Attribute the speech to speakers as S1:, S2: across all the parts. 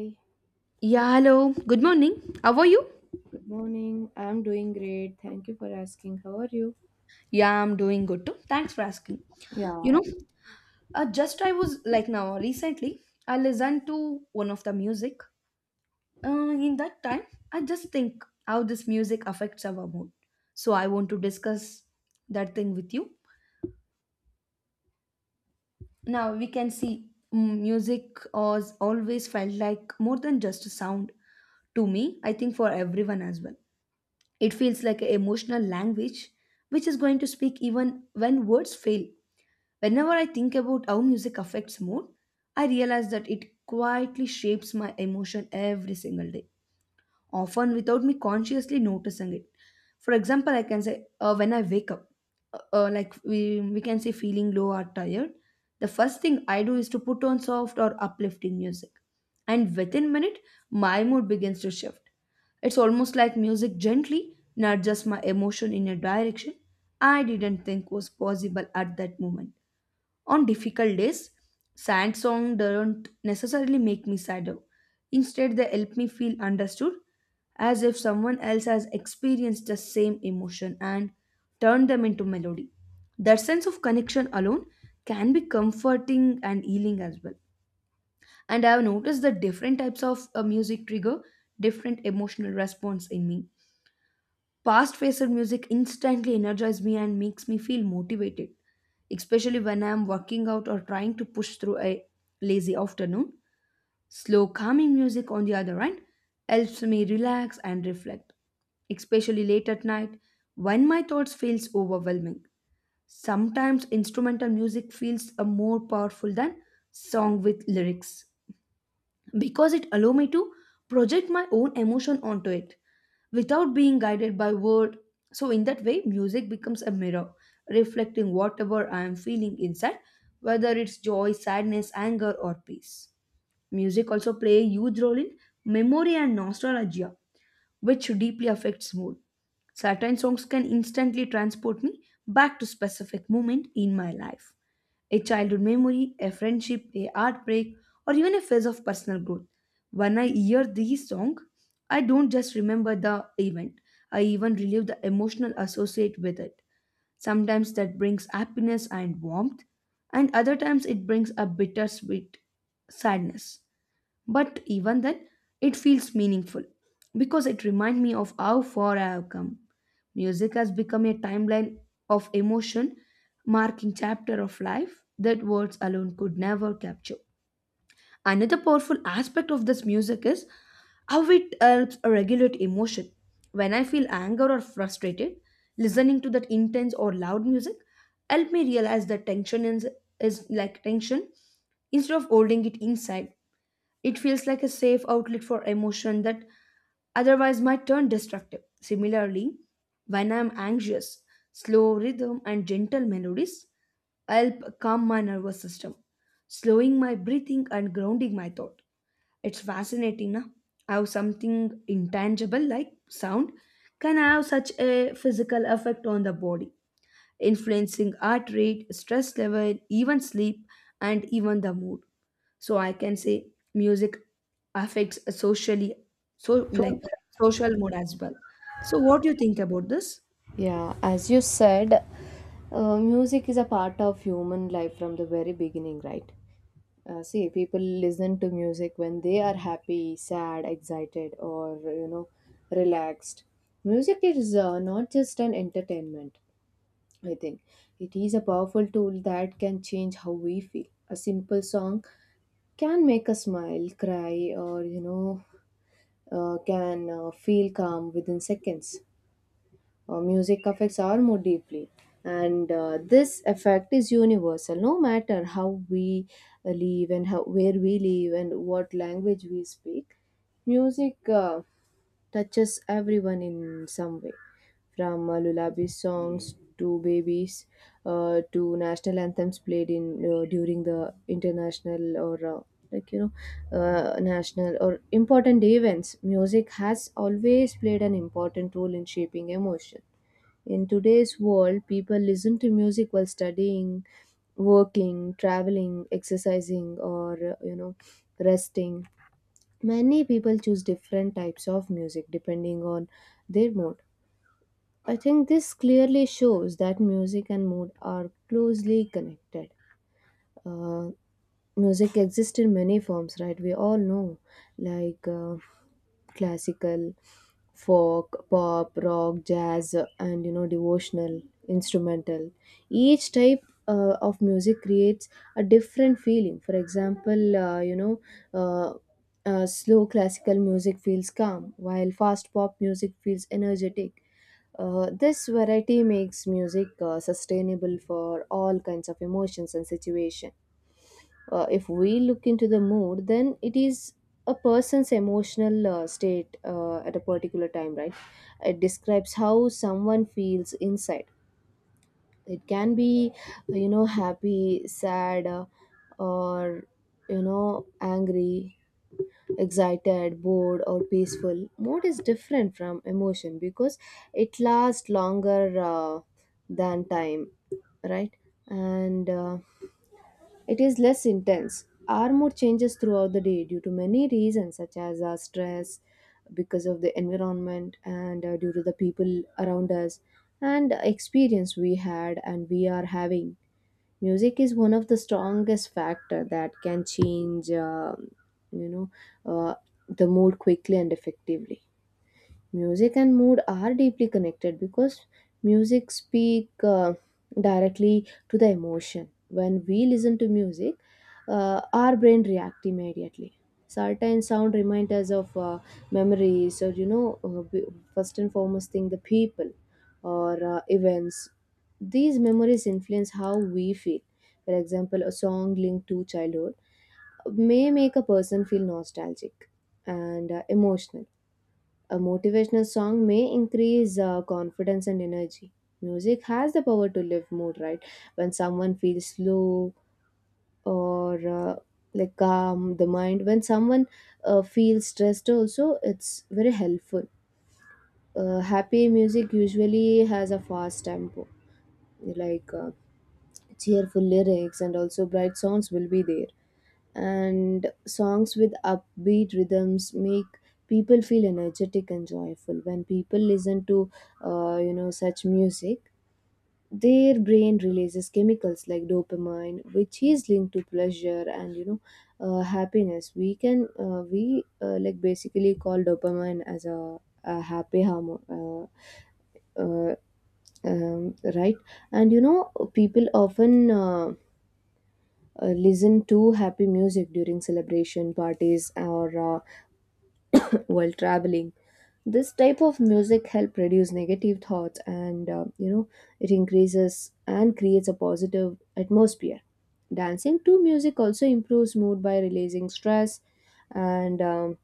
S1: Hi,
S2: Yeah, hello. Good morning. How are you?
S1: good morning. I'm doing great. Thank you for asking. How are you?
S2: Yeah, I'm doing good too. Thanks for asking.
S1: Yeah.
S2: You know, just I was like now recently, I listened to one of the music. In that time, I just think how this music affects our mood. So I want to discuss that thing with you. Now we can see music has always felt like more than just a sound to me. I think for everyone as well, it feels like an emotional language which is going to speak even when words fail. Whenever I think about how music affects mood, I realize that it quietly shapes my emotion every single day, often without me consciously noticing it. For example, I can say when I wake up, like we can say feeling low or tired, the first thing I do is to put on soft or uplifting music. And within a minute, my mood begins to shift. It's almost like music gently nudges my emotion in a direction I didn't think was possible at that moment. On difficult days, sad songs don't necessarily make me sadder. Instead, they help me feel understood, as if someone else has experienced the same emotion and turned them into melody. That sense of connection alone can be comforting and healing as well. And I have noticed that different types of music trigger different emotional response in me. Past faced music instantly energizes me and makes me feel motivated, especially when I am working out or trying to push through a lazy afternoon. Slow, calming music, on the other hand, helps me relax and reflect, especially late at night when my thoughts feels overwhelming. Sometimes instrumental music feels more powerful than song with lyrics, because it allow me to project my own emotion onto it without being guided by word. So in that way, music becomes a mirror, reflecting whatever I am feeling inside, whether it's joy, sadness, anger or peace. Music also play a huge role in memory and nostalgia, which deeply affects mood. Certain songs can instantly transport me back to specific moment in my life, a childhood memory, a friendship, a heartbreak, or even a phase of personal growth. When I hear these songs, I don't just remember the event, I even relive the emotional associate with it. Sometimes that brings happiness and warmth, and other times it brings a bittersweet sadness. But even then, it feels meaningful because it reminds me of how far I have come. Music has become a timeline of emotion, marking chapter of life that words alone could never capture. Another powerful aspect of this music is how it helps regulate emotion. When I feel anger or frustrated, listening to that intense or loud music help me realize that tension is like tension. Instead of holding it inside, it feels like a safe outlet for emotion that otherwise might turn destructive. Similarly, when I'm anxious, slow rhythm and gentle melodies help calm my nervous system, slowing my breathing and grounding my thought. It's fascinating, na? How something intangible like sound can have such a physical effect on the body, influencing heart rate, stress level, even sleep, and even the mood. So I can say music affects a socially, so like social mood as well. So what do you think about this?
S1: Yeah, as you said, music is a part of human life from the very beginning, right? See, people listen to music when they are happy, sad, excited, or relaxed. Music is not just an entertainment, I think. It is a powerful tool that can change how we feel. A simple song can make us smile, cry, or can feel calm within seconds. Music affects our mood deeply, and this effect is universal. No matter how we live and how where we live and what language we speak, music touches everyone in some way. From lullaby songs to babies to national anthems played in during the international or like you national or important events, music has always played an important role in shaping emotion. In today's world, people listen to music while studying, working, traveling, exercising, or resting. Many people choose different types of music depending on their mood. I think this clearly shows that music and mood are closely connected. Uh, Music exists in many forms, right? We all know, like classical, folk, pop, rock, jazz, and devotional, instrumental. Each type of music creates a different feeling. For example, uh, slow classical music feels calm, while fast pop music feels energetic. This variety makes music sustainable for all kinds of emotions and situations. If we look into the mood, then it is a person's emotional state at a particular time, right? It describes how someone feels inside. It can be happy, sad, or angry, excited, bored, or peaceful. Mood is different from emotion because it lasts longer uh, than time, right? And it is less intense. Our mood changes throughout the day due to many reasons, such as our stress, because of the environment, and due to the people around us, and experience we had and we are having. Music is one of the strongest factor that can change, you know, uh, the mood quickly and effectively. Music and mood are deeply connected because music speak directly to the emotion. When we listen to music, our brain react immediately. Certain sound remind us of memories, or first and foremost thing, the people or events. These memories influence how we feel. For example, a song linked to childhood may make a person feel nostalgic and emotional. A motivational song may increase confidence and energy. Music has the power to lift mood, right? When someone feels low or like calm the mind, when someone feels stressed, also it's very helpful. Happy music usually has a fast tempo, like cheerful lyrics, and also bright sounds will be there. And songs with upbeat rhythms make people feel energetic and joyful. When people listen to such music, their brain releases chemicals like dopamine, which is linked to pleasure and happiness. We can we like basically call dopamine as a happy hormone, uh, uh, right? And you know, people often listen to happy music during celebration parties or while traveling. This type of music help reduce negative thoughts, and it increases and creates a positive atmosphere. Dancing to music also improves mood by releasing stress and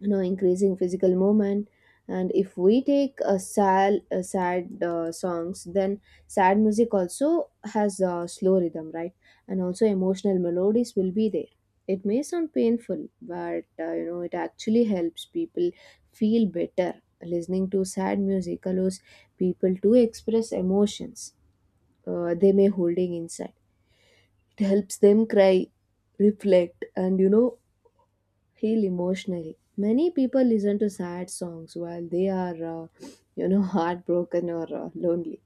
S1: you know, increasing physical movement. And if we take a sad songs, then sad music also has a slow rhythm, right? And also emotional melodies will be there. It may sound painful, but you know, it actually helps people feel better. Listening to sad music allows people to express emotions they may holding inside. It helps them cry, reflect, and heal emotionally. Many people listen to sad songs while they are, heartbroken or lonely.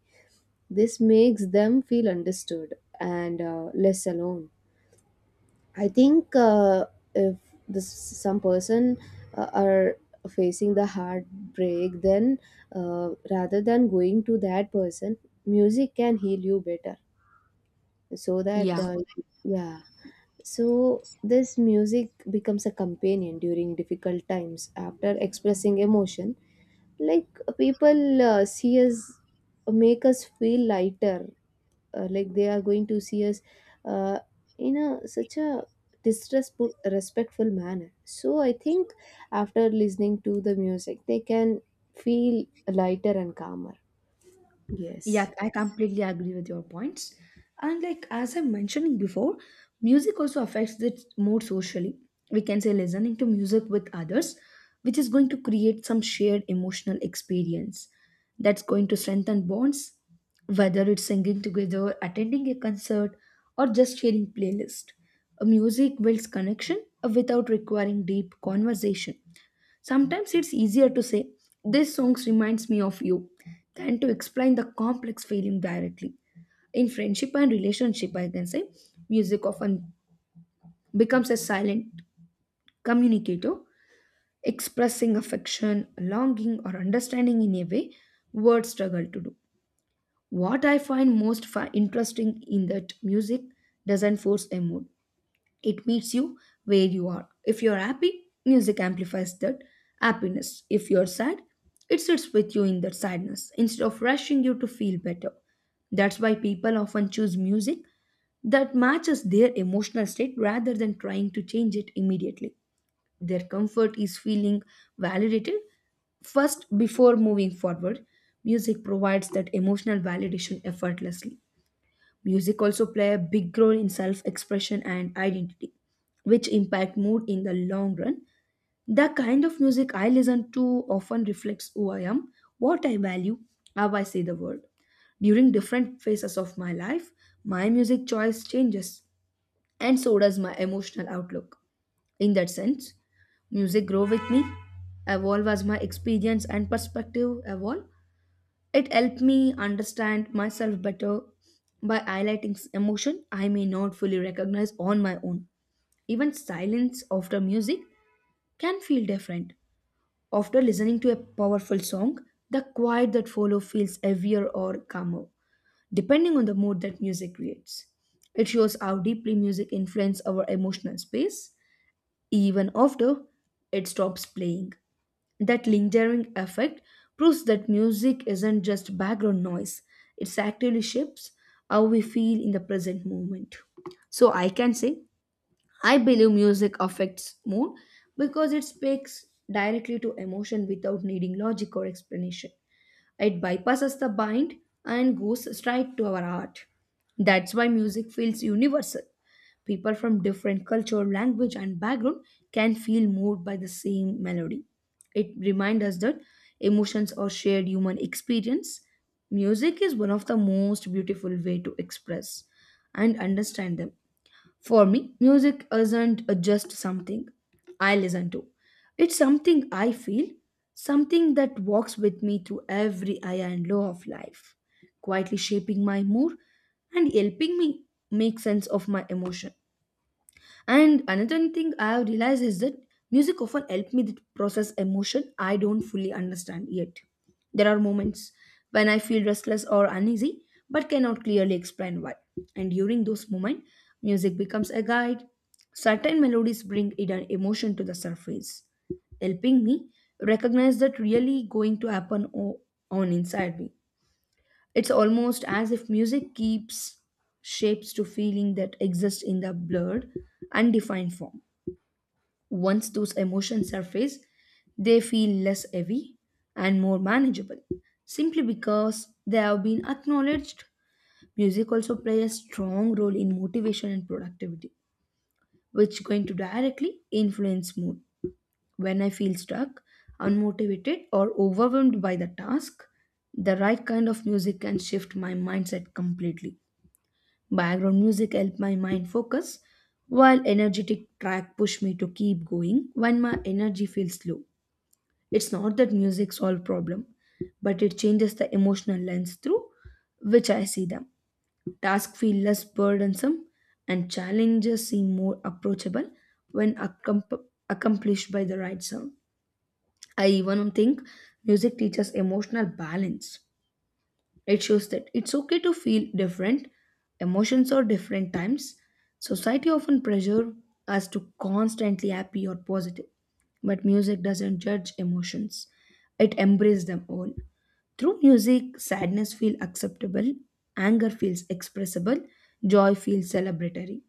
S1: This makes them feel understood and less alone. I think if this some person are facing the heartbreak, then rather than going to that person, music can heal you better. So that
S2: Yeah.
S1: yeah. So this music becomes a companion during difficult times after expressing emotion. Like people see us, make us feel lighter. Like they are going to see us uh, in a such a distressful, respectful manner. So I think after listening to the music, they can feel lighter and calmer. Yes.
S2: Yeah, I completely agree with your points. And like as I'm mentioning before, music also affects the mood socially. We can say listening to music with others, which is going to create some shared emotional experience that's going to strengthen bonds, whether it's singing together, attending a concert, or just sharing playlist. Music builds connection without requiring deep conversation. Sometimes it's easier to say, "This song reminds me of you," than to explain the complex feeling directly. In friendship and relationship, I can say, music often becomes a silent communicator, expressing affection, longing, or understanding in a way words struggle to do. What I find most interesting in that music doesn't force a mood. It meets you where you are. If you're happy, music amplifies that happiness. If you're sad, it sits with you in that sadness instead of rushing you to feel better. That's why people often choose music that matches their emotional state rather than trying to change it immediately. Their comfort is feeling validated first before moving forward. Music provides that emotional validation effortlessly. Music also play a big role in self-expression and identity, which impact mood in the long run. The kind of music I listen to often reflects who I am, what I value, how I see the world. During different phases of my life, my music choice changes, and so does my emotional outlook. In that sense, music grow with me, evolve as my experience and perspective evolve. It helped me understand myself better by highlighting emotion I may not fully recognize on my own. Even silence after music can feel different. After listening to a powerful song, the quiet that follows feels heavier or calmer, depending on the mood that music creates. It shows how deeply music influences our emotional space even after it stops playing. That lingering effect proves that music isn't just background noise, it actively shapes how we feel in the present moment. So I can say, I believe music affects mood because it speaks directly to emotion without needing logic or explanation. It bypasses the mind and goes straight to our heart. That's why music feels universal. People from different culture, language, and background can feel moved by the same melody. It reminds us that emotions are shared human experience. Music is one of the most beautiful way to express and understand them. For me, music isn't just something I listen to. It's something I feel, something that walks with me through every high and low of life, quietly shaping my mood and helping me make sense of my emotion. And another thing I have realized is that music often help me to process emotion I don't fully understand yet. There are moments when I feel restless or uneasy but cannot clearly explain why. And during those moments, music becomes a guide. Certain melodies bring hidden emotion to the surface, helping me recognize that really going to happen on inside me. It's almost as if music keeps shapes to feeling that exist in the blurred, undefined form. Once those emotions surface, they feel less heavy and more manageable, simply because they have been acknowledged. Music also plays a strong role in motivation and productivity, which going to directly influence mood. When I feel stuck, unmotivated, or overwhelmed by the task, the right kind of music can shift my mindset completely. Background music helped my mind focus, while energetic track pushed me to keep going when my energy feels low. It's not that music solves problem, but it changes the emotional lens through which I see them. Tasks feel less burdensome and challenges seem more approachable when accomplished by the right sound. I even think music teaches emotional balance. It shows that it's okay to feel different emotions or different times. Society often pressure us to constantly happy or positive, but music doesn't judge emotions. It embraces them all. Through music, sadness feels acceptable, anger feels expressible, joy feels celebratory.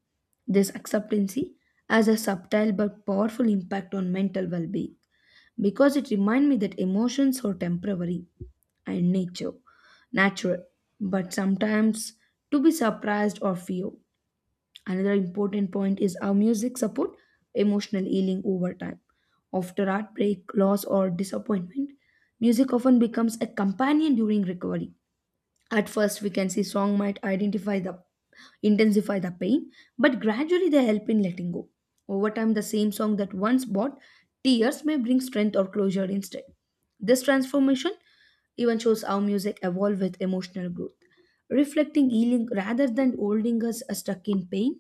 S2: This acceptancy has a subtle but powerful impact on mental well-being because it reminds me that emotions are temporary and nature, natural, but sometimes to be surprised or fear. Another important point is how music support emotional healing over time. After heartbreak, loss or disappointment, music often becomes a companion during recovery. At first, we can see song might identify the intensify the pain, but gradually they help in letting go. Over time, the same song that once brought tears may bring strength or closure instead. This transformation even shows how music evolves with emotional growth, reflecting healing rather than holding us stuck in pain.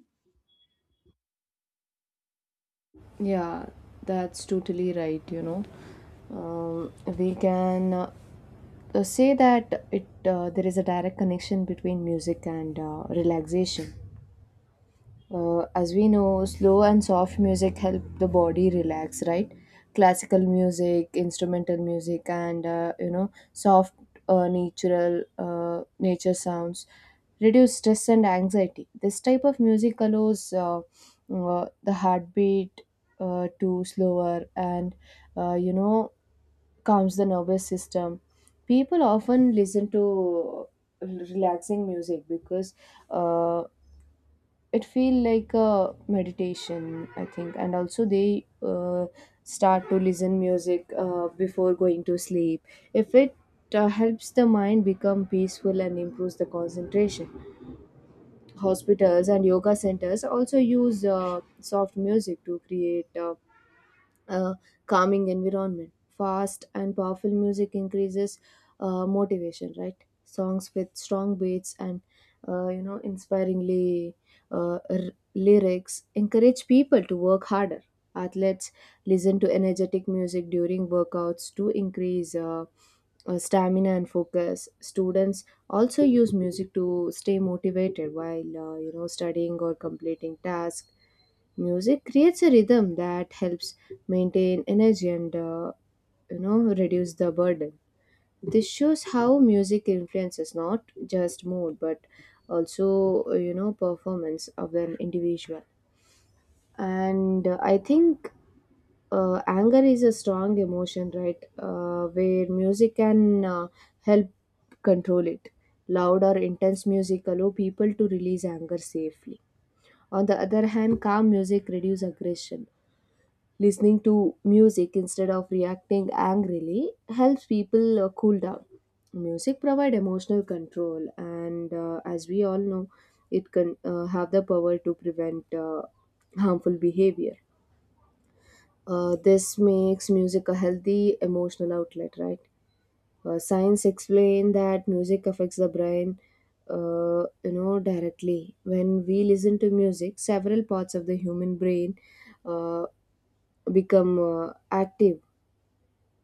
S1: Yeah, that's totally right, you know. Um, we can say that it there is a direct connection between music and relaxation. As we know, slow and soft music help the body relax, right? Classical music, instrumental music, and soft, natural, nature sounds reduce stress and anxiety. This type of music allows the heartbeat to slower and uh, you know calms the nervous system. People often listen to relaxing music because uh, it feel like a meditation, I think. And also they start to listen music before going to sleep. If it uh, helps the mind become peaceful and improves the concentration. Hospitals and yoga centers also use soft music to create a calming environment. Fast and powerful music increases motivation, right? Songs with strong beats and inspiringly uh, r- lyrics encourage people to work harder. Athletes listen to energetic music during workouts to increase stamina and focus. Students also use music to stay motivated while studying or completing tasks. Music creates a rhythm that helps maintain energy and reduce the burden. This shows how music influences not just mood but also performance of an individual. And I think anger is a strong emotion, right? Where music can help control it. Loud or intense music allow people to release anger safely. On the other hand, calm music reduces aggression. Listening to music instead of reacting angrily helps people cool down. Music provides emotional control, and as we all know, it can have the power to prevent harmful behavior. This makes music a healthy emotional outlet, right? Science explain that music affects the brain, directly. When we listen to music, several parts of the human brain uh, become active.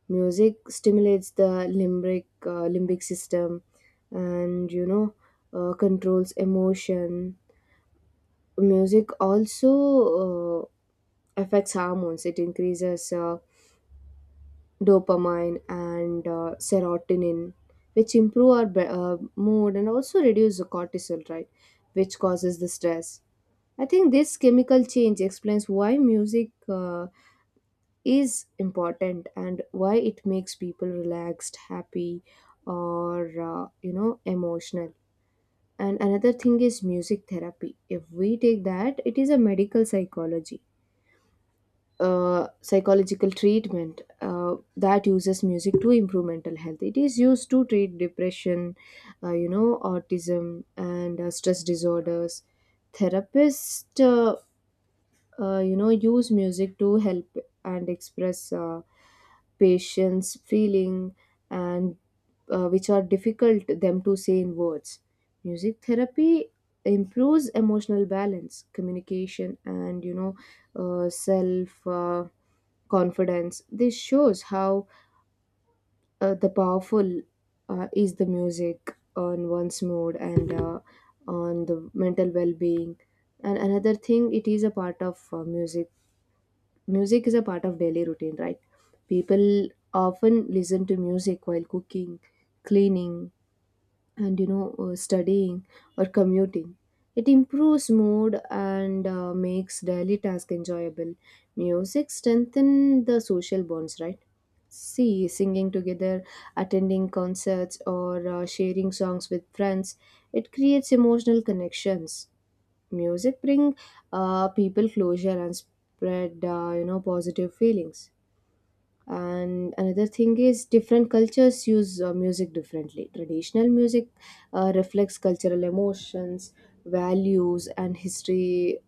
S1: Music stimulates the limbic system, and controls emotion. Music also uh, affects hormones. It increases dopamine and serotonin, which improve our mood, and also reduce the cortisol, right, which causes the stress. I think this chemical change explains why music is important and why it makes people relaxed, happy, or emotional. And another thing is music therapy. If we take that, it is a medical psychology psychological treatment that uses music to improve mental health. It is used to treat depression, autism, and stress disorders. Therapists use music to help and express patience, feeling, and which are difficult them to say in words. Music therapy improves emotional balance, communication, and self confidence. This shows how the powerful is the music on one's mood and on the mental well-being. And another thing, it is a part of Music is a part of daily routine, right? People often listen to music while cooking, cleaning, and studying or commuting. It improves mood and makes daily task enjoyable. Music strengthens the social bonds, right? See, singing together, attending concerts, or sharing songs with friends, it creates emotional connections. Music bring people closure and spread positive feelings. And another thing is, different cultures use music differently. Traditional music reflects cultural emotions, values, and history.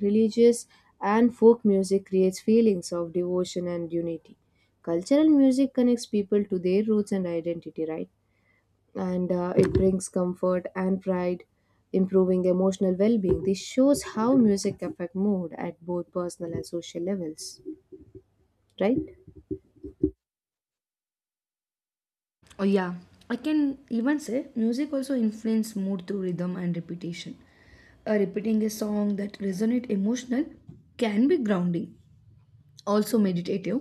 S1: Religious and folk music creates feelings of devotion and unity. Cultural music connects people to their roots and identity, right? And it brings comfort and pride, improving emotional well-being. This shows how music affect mood at both personal and social levels, right?
S2: Oh yeah, I can even say music also influence mood through rhythm and repetition. Repeating a song that resonate emotional can be grounding, also meditative.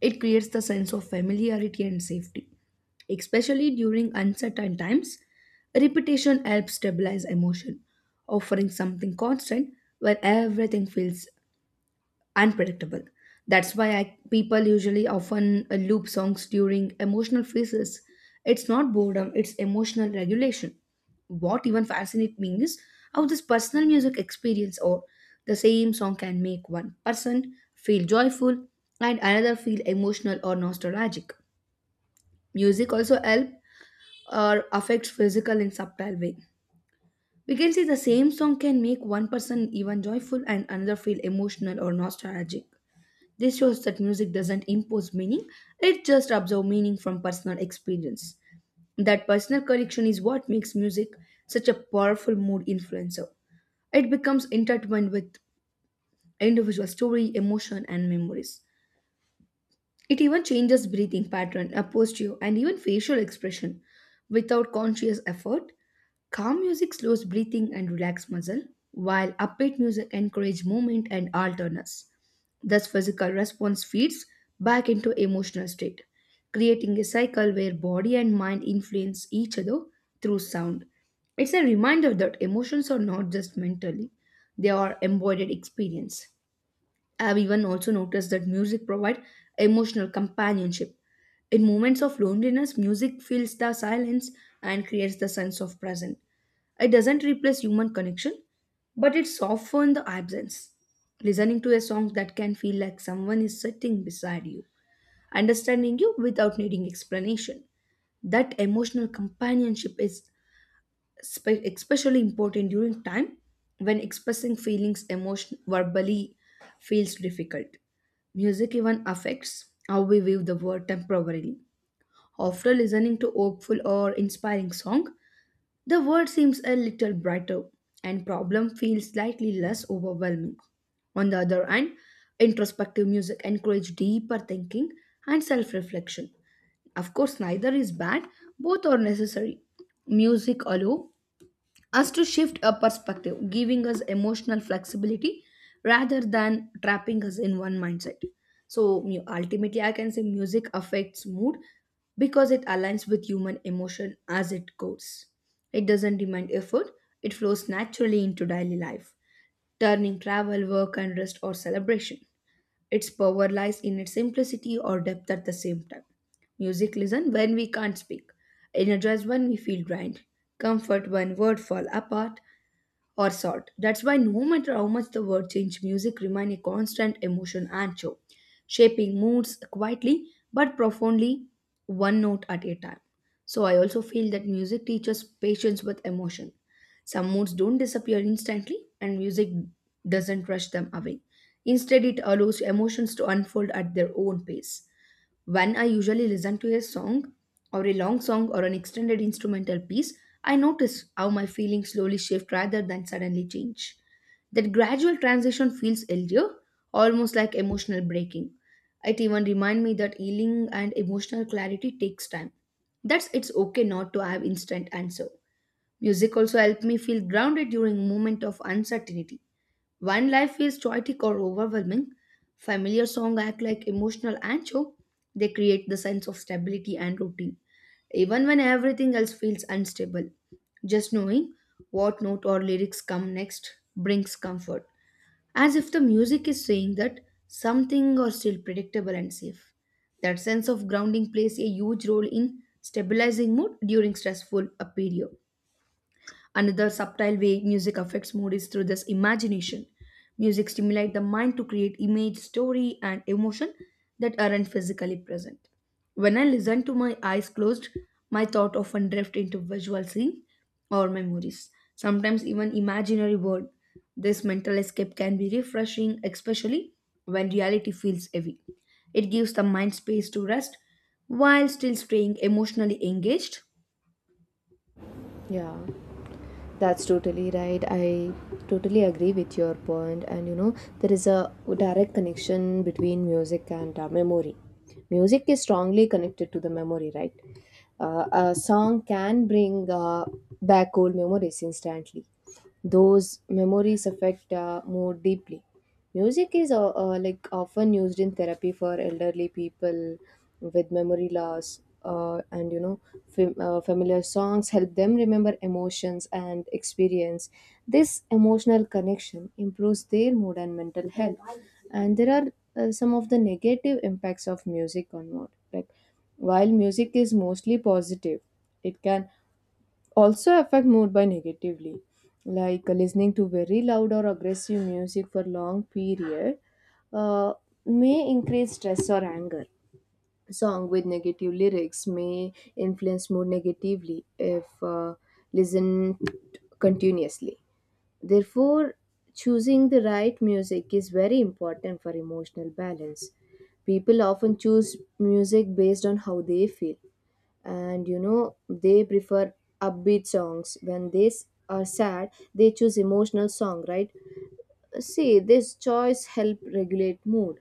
S2: It creates the sense of familiarity and safety, especially during uncertain times. Repetition helps stabilize emotion, offering something constant where everything feels unpredictable. That's why people usually often loop songs during emotional phases. It's not boredom, it's emotional regulation. What even fascinates me is how this personal music experience or the same song can make one person feel joyful and another feel emotional or nostalgic. Music also helps or affects physical in subtle way. We can see the same song can make one person even joyful and another feel emotional or nostalgic. This shows that music doesn't impose meaning, it just absorbs meaning from personal experience. That personal connection is what makes music such a powerful mood influencer. It becomes intertwined with individual story, emotion, and memories. It even changes breathing pattern, a posture, and even facial expression without conscious effort. Calm music slows breathing and relax muscle, while upbeat music encourage movement and alertness. Thus, physical response feeds back into emotional state, creating a cycle where body and mind influence each other through sound. It's a reminder that emotions are not just mentally; they are embodied experience. I've even also noticed that music provides emotional companionship. In moments of loneliness, music fills the silence and creates the sense of presence it doesn't replace human connection, but it softens the absence. Listening to a song that can feel like someone is sitting beside you, understanding you without needing explanation. That emotional companionship is especially important during time when expressing feelings emotion verbally feels difficult. Music even affects how we view the world temporarily. After listening to hopeful or inspiring song, the world seems a little brighter and problem feels slightly less overwhelming. On the other hand, introspective music encourages deeper thinking and self-reflection. Of course, neither is bad, both are necessary. Music alone us to shift our perspective, giving us emotional flexibility rather than trapping us in one mindset. So, ultimately, I can say music affects mood because it aligns with human emotion as it goes. It doesn't demand effort, it flows naturally into daily life, turning travel, work, and rest or celebration. Its power lies in its simplicity or depth at the same time. Music listen when we can't speak, energize when we feel drained, comfort when words fall apart, or salt. That's why no matter how much the world change, music remain a constant emotion and show, shaping moods quietly but profoundly, one note at a time. So I also feel that music teaches patience with emotion. Some moods don't disappear instantly, and music doesn't rush them away. Instead, it allows emotions to unfold at their own pace. When I usually listen to a song or a long song or an extended instrumental piece, I notice how my feelings slowly shift rather than suddenly change. That gradual transition feels easier, almost like emotional breaking. It even reminds me that healing and emotional clarity takes time. That's it's okay not to have instant answer. Music also helped me feel grounded during moment of uncertainty. When life feels chaotic or overwhelming, familiar songs act like emotional anchor. They create the sense of stability and routine, even when everything else feels unstable. Just knowing what note or lyrics come next brings comfort, as if the music is saying that something are still predictable and safe. That sense of grounding plays a huge role in stabilizing mood during stressful period. Another subtle way music affects mood is through this imagination. Music stimulates the mind to create image, story, and emotion that aren't physically present. When I listen to my eyes closed, my thought often drift into visual scene or memories, sometimes even imaginary world. This mental escape can be refreshing, especially when reality feels heavy. It gives the mind space to rest while still staying emotionally engaged.
S1: Yeah, that's totally right. I totally agree with your point. And you know, there is a direct connection between music and memory. Music is strongly connected to the memory, right? A song can bring back old memories instantly. Those memories affect more deeply. Music is like often used in therapy for elderly people with memory loss, and familiar songs help them remember emotions and experience. This emotional connection improves their mood and mental health. And there are some of the negative impacts of music on mood. Like, while music is mostly positive, it can also affect mood by negatively, like listening to very loud or aggressive music for long period uh, may increase stress or anger. Song with negative lyrics may influence mood negatively if listened continuously. Therefore, choosing the right music is very important for emotional balance. People often choose music based on how they feel, and you know, they prefer upbeat songs. When they are sad, they choose emotional song, right? See, this choice help regulate mood.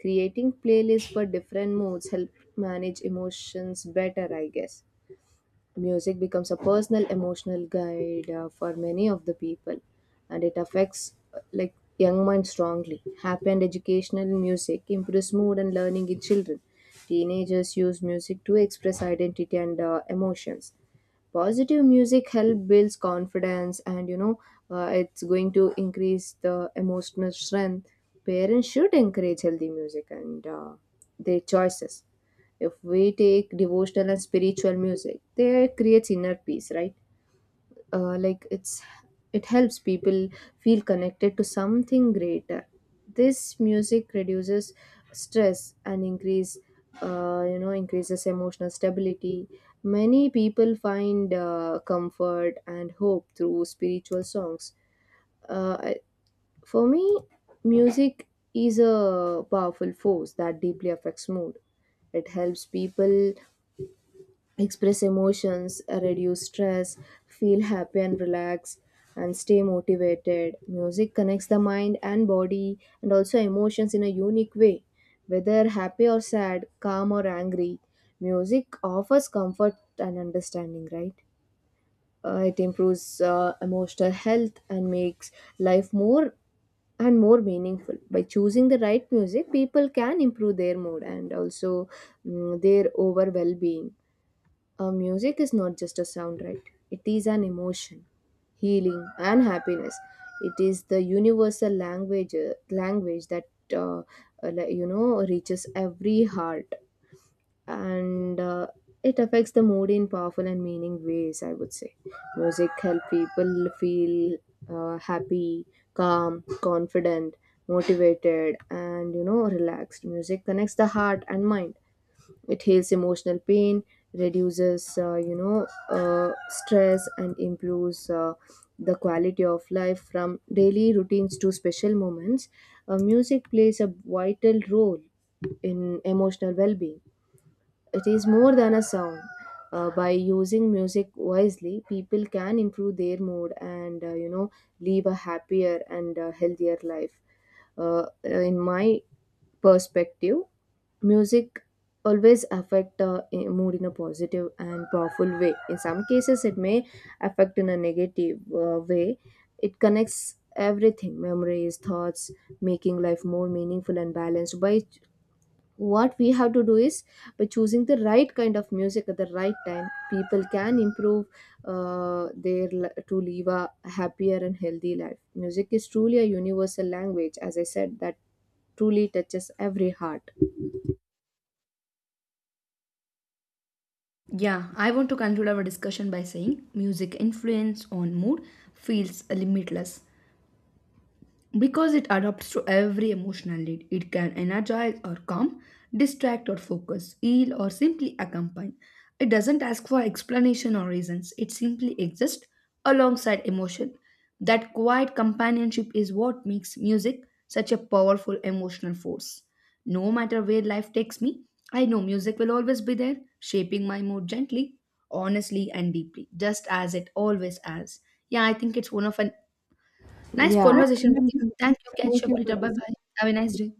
S1: Creating playlists for different moods help manage emotions better, I guess. Music becomes a personal emotional guide for many of the people. And it affects like young minds strongly. Happy and educational music improves mood and learning in children. Teenagers use music to express identity and emotions. Positive music help builds confidence, and you know, it's going to increase the emotional strength. Parents should encourage healthy music and their choices. If we take devotional and spiritual music, they creates inner peace, right? Uh, like it's it helps people feel connected to something greater. This music reduces stress and increases emotional stability. Many people find comfort and hope through spiritual songs. uh, I- for me, music is a powerful force that deeply affects mood. It helps people express emotions, reduce stress, feel happy and relaxed, and stay motivated. Music connects the mind and body and also emotions in a unique way, whether happy or sad, calm or angry. Music offers comfort and understanding, right? It improves emotional health and makes life more and more meaningful. By choosing the right music, people can improve their mood and also their overall well being. Music is not just a sound, right? It is an emotion, healing, and happiness. It is the universal language that reaches every heart, and it affects the mood in powerful and meaning ways. I would say, music help people feel happy, calm, confident, motivated, and relaxed. Music connects the heart and mind. It heals emotional pain, reduces stress, and improves the quality of life. From daily routines to special moments, music plays a vital role in emotional well-being. It is more than a sound. By using music wisely, people can improve their mood and live a happier and healthier life. In my perspective, music always affect a mood in a positive and powerful way. In some cases, it may affect in a negative way. It connects everything, memories, thoughts, making life more meaningful and balanced. By what we have to do is, by choosing the right kind of music at the right time, people can improve to live a happier and healthy life. Music is truly a universal language, as I said, that truly touches every heart.
S2: Yeah, I want to conclude our discussion by saying music influence on mood feels limitless. Because it adapts to every emotional need, it can energize or calm, distract or focus, heal or simply accompany. It doesn't ask for explanation or reasons, it simply exists alongside emotion. That quiet companionship is what makes music such a powerful emotional force. No matter where life takes me, I know music will always be there, shaping my mood gently, honestly, and deeply, just as it always has. Yeah, I think it's one of an nice
S1: Yeah,
S2: conversation with you. Thank you. Catch
S1: thank
S2: up
S1: you
S2: later.
S1: for
S2: Bye
S1: this.
S2: bye. Have a nice day.